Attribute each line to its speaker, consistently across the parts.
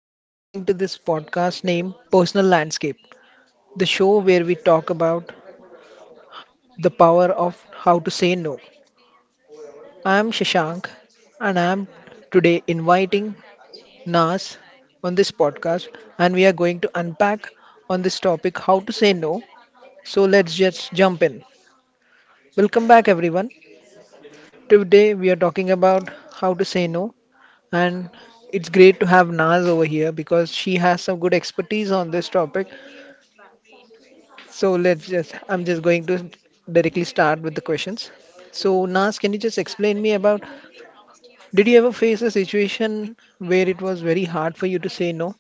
Speaker 1: You're listening to this podcast named Personal Landscape, the show where we talk about the power of how to say no. I'm Shashank, and I'm today inviting Nas on this podcast, and we are going to unpack on this topic how to say no. So let's just jump in. Welcome back, everyone. Today we are talking about how to say no, and it's great to have Naz over here because she has some good expertise on this topic. So I'm just going to directly start with the questions. So Nas, can you just explain me about, did you ever face a situation where it was very hard for you to say no?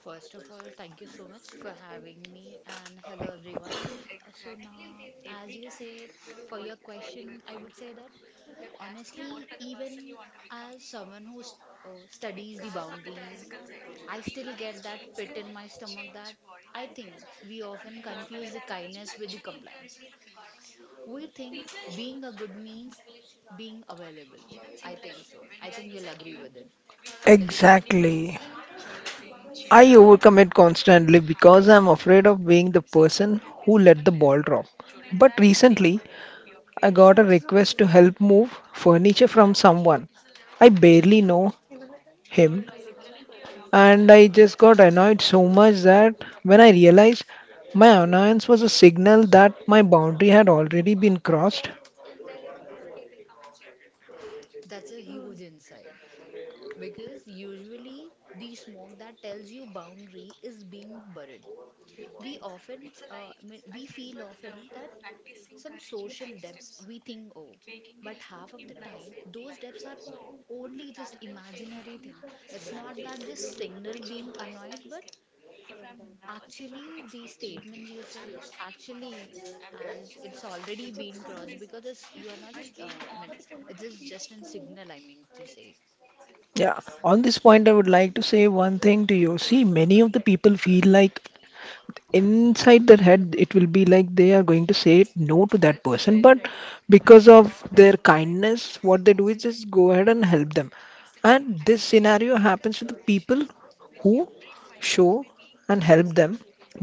Speaker 2: First of all, thank you so much for having me and hello everyone. So now, as you say, for your question, I would say that honestly, even as someone who studies the boundaries, I still get that pit in my stomach that I think we often confuse the kindness with the compliance. We think being a good means being available. I think so. I think you'll agree with it. Is it so?
Speaker 1: Exactly. I overcome it constantly because I'm afraid of being the person who let the ball drop. But recently, I got a request to help move furniture from someone. I barely know him. And I just got annoyed so much that when I realized my annoyance was a signal that my boundary had already been crossed.
Speaker 2: That's a huge insight. Because usually the smoke that tells you boundary is being buried. We often, uh, I we feel often that some social depths we think, oh, but half of the time those depths are only just imaginary thing. It's not that just signal being annoyed, but actually the statement you said actually as it's already been crossed because it's, you are not. Uh, I mean, it is just a signal. I mean to say
Speaker 1: Yeah. On this point, I would like to say one thing to you. See, many of the people feel like inside their head it will be like they are going to say no to that person, but because of their kindness what they do is just go ahead and help them, and this scenario happens to the people who show and help them,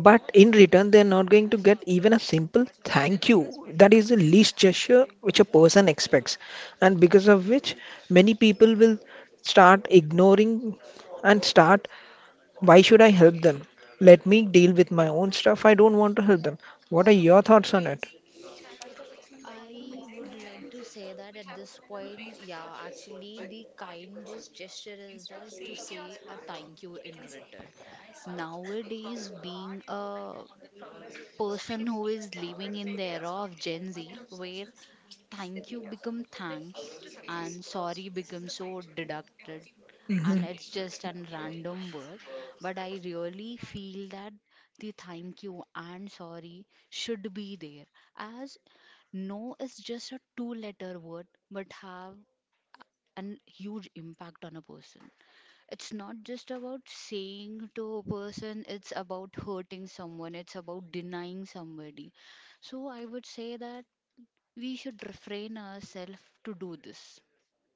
Speaker 1: but in return they are not going to get even a simple thank you. That is the least gesture which a person expects, and because of which many people will start ignoring and start why should I help them? Let me deal with my own stuff. I don't want to help them. What are your thoughts on it?
Speaker 2: I would like to say that at this point, yeah, actually, the kindest gesture is that to say a thank you in return. Nowadays, being a person who is living in the era of Gen Z, where thank you become thanks and sorry becomes so deducted,
Speaker 1: Hmm.
Speaker 2: and it's just a random word, but I really feel that the thank you and sorry should be there, as no is just a two letter word but have an huge impact on a person. It's not just about saying to a person, it's about hurting someone, it's about denying somebody. So I would say that we should refrain ourselves to do this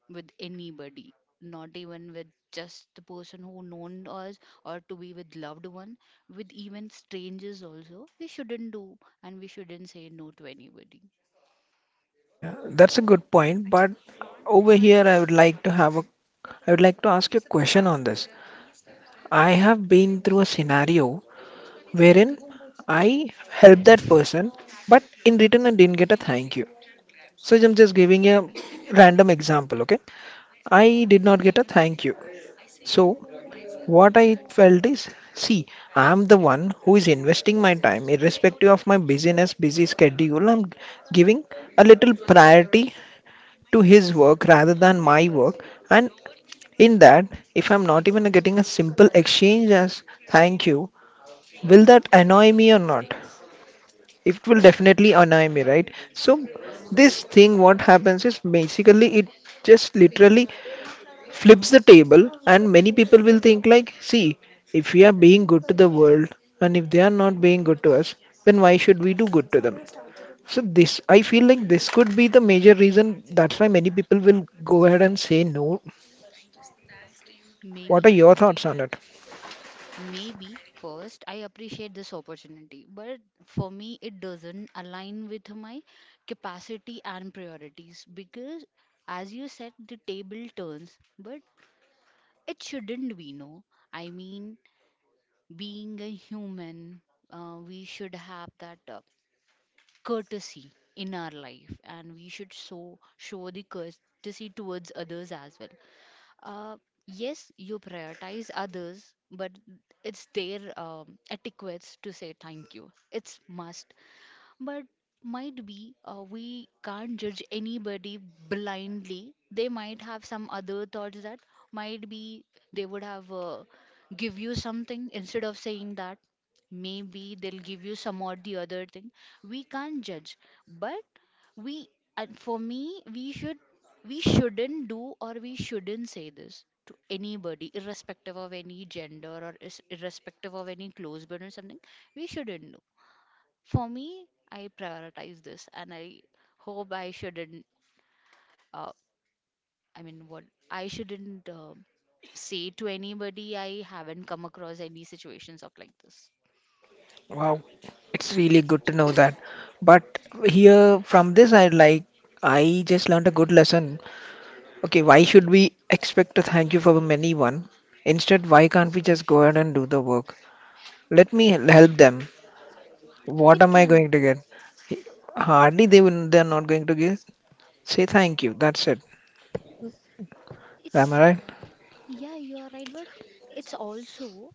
Speaker 2: with anybody, not even with just the person who known us or to be with loved one, with even strangers also. We shouldn't do, and we shouldn't say no to anybody.
Speaker 1: That's a good point, but over here I would like to have a I would like to ask you a question on this. I have been through a scenario wherein I helped that person, but in return I didn't get a thank you. So I'm just giving a random example, okay? I did not get a thank you. So what I felt is, see, I'm the one who is investing my time, irrespective of my busyness, busy schedule. I'm giving a little priority to his work rather than my work. And in that, if I'm not even getting a simple exchange as thank you, will that annoy me or not? It will definitely annoy me, right? So this thing, what happens is basically it just literally flips the table, and many people will think like, see, if we are being good to the world and if they are not being good to us, then why should we do good to them? So this, I feel like this could be the major reason that's why many people will go ahead and say no. What are
Speaker 2: Maybe,
Speaker 1: your thoughts on it?
Speaker 2: maybe first, I appreciate this opportunity, but for me it doesn't align with my capacity and priorities because as you said the table turns, but it shouldn't be no. I mean, being a human, we should have that courtesy in our life, and we should show the courtesy towards others as well. Uh, yes, you prioritize others, but it's their etiquettes to say thank you. It's must, but might be, we can't judge anybody blindly. They might have some other thoughts that might be, they would have, give you something instead of saying that, maybe they'll give you some or the other thing. We can't judge, but we, and for me, we shouldn't do or we shouldn't say this to anybody irrespective of any gender or is, irrespective of any close bond or something. We shouldn't. For me, I prioritize this, and I hope I shouldn't, uh, I mean, what I shouldn't, say to anybody. I haven't come across any situations of like this.
Speaker 1: Wow, it's really good to know that. But here from this, I like I just learned a good lesson. Okay, why should we expect a thank you from anyone? Instead, why can't we just go ahead and do the work? Let me help them. What
Speaker 2: It
Speaker 1: am I
Speaker 2: can
Speaker 1: going
Speaker 2: be.
Speaker 1: to get? Hardly they're not going to give. Say thank you. That's it.
Speaker 2: It's,
Speaker 1: Am I right?
Speaker 2: yeah, you are right, but it's also,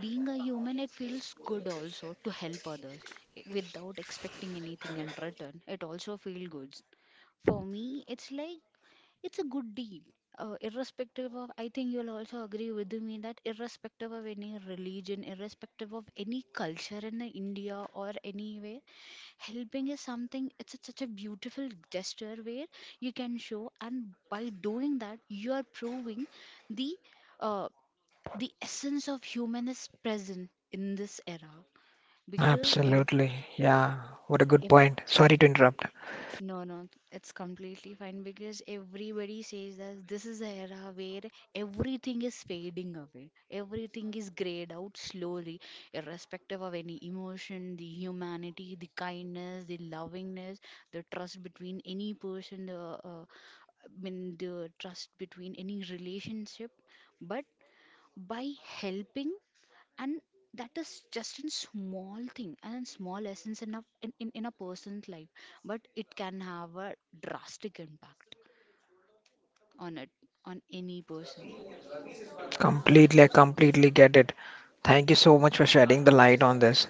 Speaker 2: being a human, it feels good also to help others. Without expecting anything in return, it also feels good for me. It's like it's a good deal. Irrespective of, I think you'll also agree with me that irrespective of any religion, irrespective of any culture in the India or anywhere, helping is something, such a beautiful gesture where you can show, and by doing that you are proving the uh, the essence of human is present in this era. because ev-
Speaker 1: Absolutely. Yeah. What a good point. Sorry to interrupt.
Speaker 2: No, no, it's completely fine because everybody says that this is the era where everything is fading away. Everything is grayed out slowly, irrespective of any emotion, the humanity, the kindness, the lovingness, the trust between any person, the, uh, I mean, the trust between any relationship. But by helping, and that is just a small thing and small essence in a person's life, but it can have a drastic impact on it, on any person.
Speaker 1: Completely, I completely get it. Thank you so much for shedding the light on this.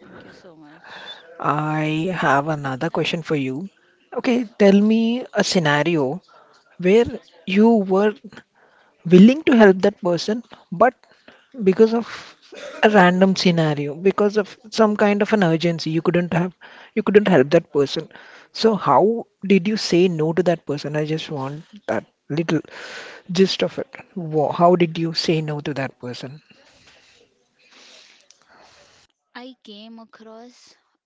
Speaker 2: Thank you so much.
Speaker 1: I have another question for you. Okay, tell me a scenario where you were willing to help that person, but because of a random scenario, because of some kind of an urgency, you couldn't help that person. So how did you say no to that person? I just want that little gist of it. How did you say no to that person?
Speaker 2: I came across,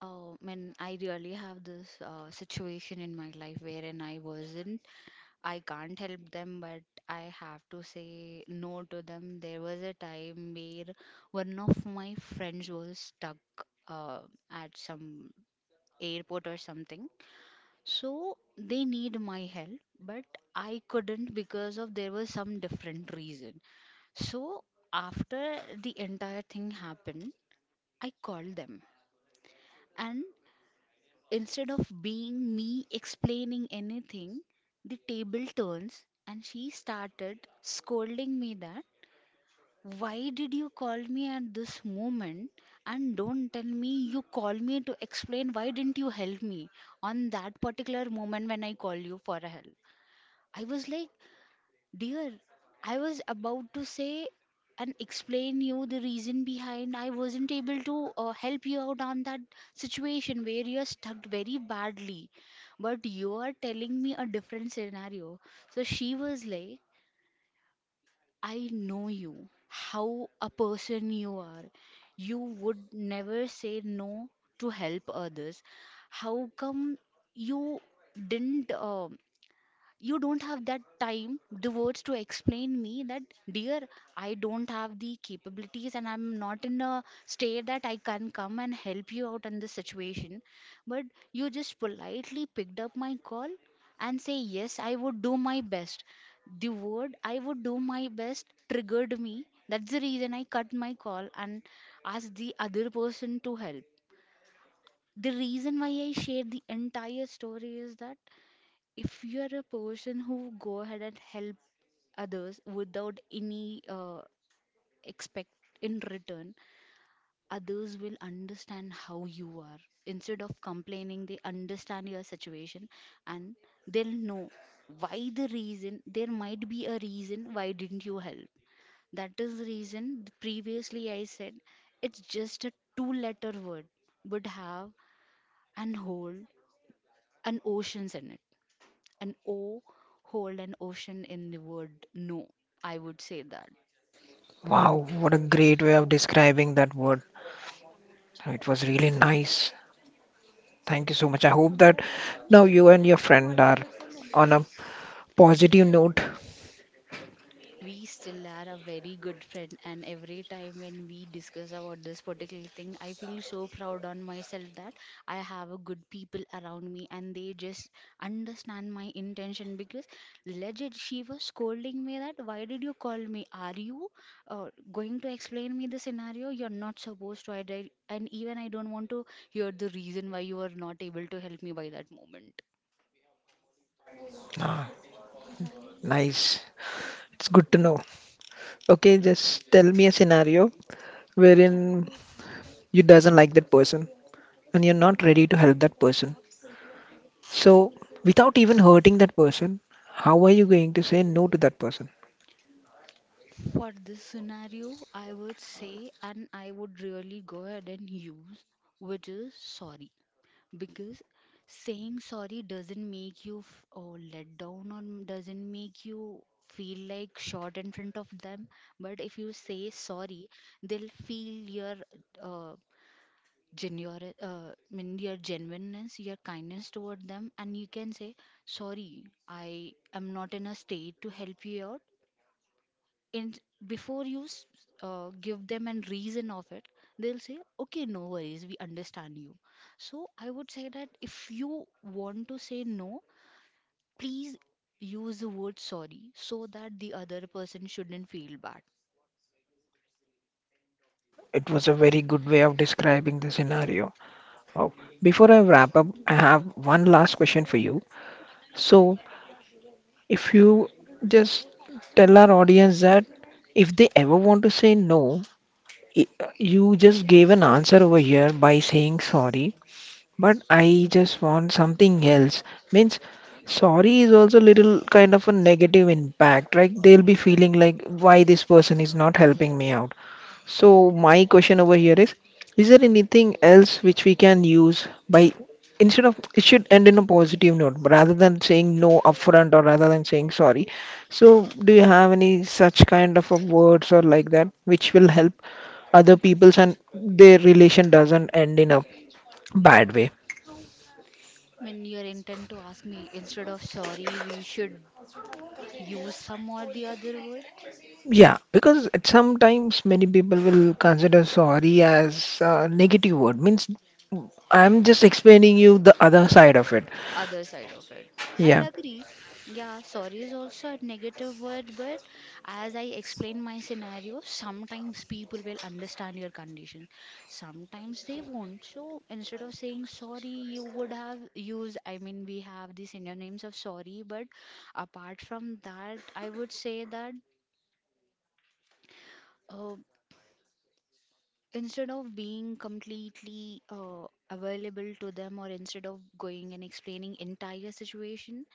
Speaker 2: when I really have this situation in my life wherein I can't help them, but I have to say no to them. There was a time where one of my friends was stuck, uh, at some airport or something. So they need my help, but I couldn't because of there was some different reason. So after the entire thing happened, I called them. And instead of being me explaining anything, the table turns and she started scolding me that, "Why did you call me at this moment? And don't tell me you call me to explain why didn't you help me on that particular moment when I call you for a help." I was like, dear, I was about to say and explain you the reason behind I wasn't able to help you out on that situation where you're stuck very badly. But you are telling me a different scenario. So she was like, I know you, how a person you are. You would never say no to help others. How come you didn't? You don't have that time the words to explain me that, dear, I don't have the capabilities and I'm not in a state that I can come and help you out in this situation, but you just politely picked up my call and say, yes, I would do my best. The word I would do my best triggered me. That's the reason I cut my call and asked the other person to help. The reason why I shared the entire story is that if you are a person who go ahead and help others without any, expect in return, others will understand how you are. Instead of complaining, they understand your situation, and they'll know why, the reason, there might be a reason why didn't you help. That is the reason previously I said it's just a two letter word but have and hold an oceans in it, an O, hold an ocean in the word no. I would say that.
Speaker 1: Wow, what a great way of describing that word. It was really nice. Thank you so much. I hope that now you and your friend are on a positive note.
Speaker 2: We still are a very good friend, and every time when we discuss about this particular thing, I feel so proud on myself that I have a good people around me and they just understand my intention because legit she was scolding me that, why did you call me? Are you uh, going to explain me the scenario? You're not supposed to. I did, and even I don't want to hear the reason why you are not able to help me by that moment.
Speaker 1: Ah, nice. It's good to know. Okay,
Speaker 2: Thank you.
Speaker 1: just tell me a scenario wherein you doesn't like that person and you're not ready to help that person. So, without even hurting that person, how are you going to say no to that person?
Speaker 2: For this scenario, I would say, and I would really go ahead and use, which is sorry. Because saying sorry doesn't make you or let down or doesn't make you feel like short in front of them. But if you say sorry, they'll feel your uh, genuine, mean your genuineness, your kindness toward them, and you can say, sorry, I am not in a state to help you out in. Before you give them an reason of it, they'll say, okay, no worries, we understand you. So I would say that if you want to say no, please use the word sorry so that the other person shouldn't feel bad.
Speaker 1: It was a very good way of describing the scenario. Wow. Before I wrap up, I have one last question for you. So, if you just tell our audience that if they ever want to say no, i- you just gave an answer over here by saying sorry. But I just want something else. Means sorry is also little kind of a negative impact, right? They'll be feeling like why this person is not helping me out. So my question over here is there anything else which we can use by instead of it should end in a positive note rather than saying no upfront or rather than saying sorry. So do you have any such kind of a words or like that which will help other people's and their relation doesn't end in a bad way?
Speaker 2: When you're intent to ask me instead of sorry we should use some or the other word.
Speaker 1: Yeah, because at sometimes many people will consider sorry as a negative word. Means I'm just explaining you the other side of it.
Speaker 2: Other side of it. I'll
Speaker 1: Yeah.
Speaker 2: agree. Yeah, sorry is also a negative word, but as I explain my scenario, sometimes people will understand your condition. Sometimes they won't. So instead of saying sorry, you would have used, I mean, we have the synonyms of sorry, but apart from that, I would say that, uh, instead of being completely available to them or instead of going and explaining entire situation,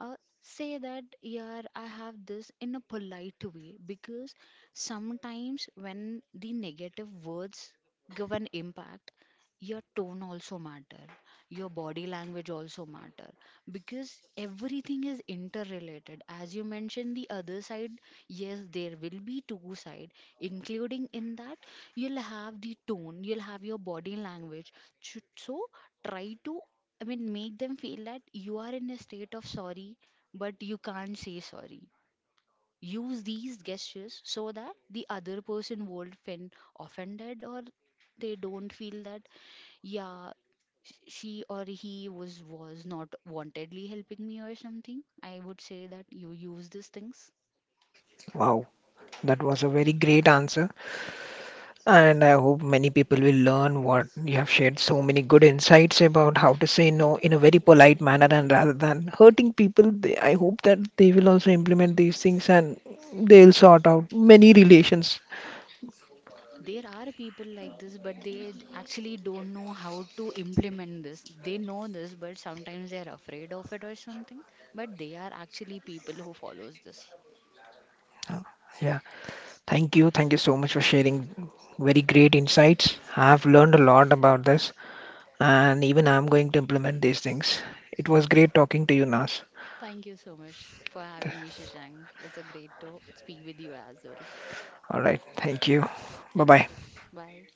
Speaker 2: uh, say that, yeah, I have this in a polite way, because sometimes when the negative words give an impact, your tone also matter, your body language also matter, because everything is interrelated. As you mentioned the other side, yes, there will be two side, including in that you'll have the tone, you'll have your body language. So try to, I mean, make them feel that you are in a state of sorry, but you can't say sorry. Use these gestures so that the other person won't feel offended or they don't feel that, yeah, sh- she or he was not wantedly helping me or something. I would say that you use these things.
Speaker 1: Wow. That was a very great answer. And I hope many people will learn what you have shared so many good insights about how to say no in a very polite manner and rather than hurting people. I hope that they will also implement these things and they'll sort out many relations.
Speaker 2: There are people like this, but they actually don't know how to implement this. They know this but sometimes they are afraid of it or something, but they are actually people who follows this.
Speaker 1: Yeah. Thank you. Thank you so much for sharing very great insights. I've learned a lot about this, and even I'm going to implement these things. It was great talking to you, Nas.
Speaker 2: Thank you so much for having me, Shashank. It's a great to speak with you as well.
Speaker 1: All right. Thank you. Bye bye.
Speaker 2: Thank you. Bye.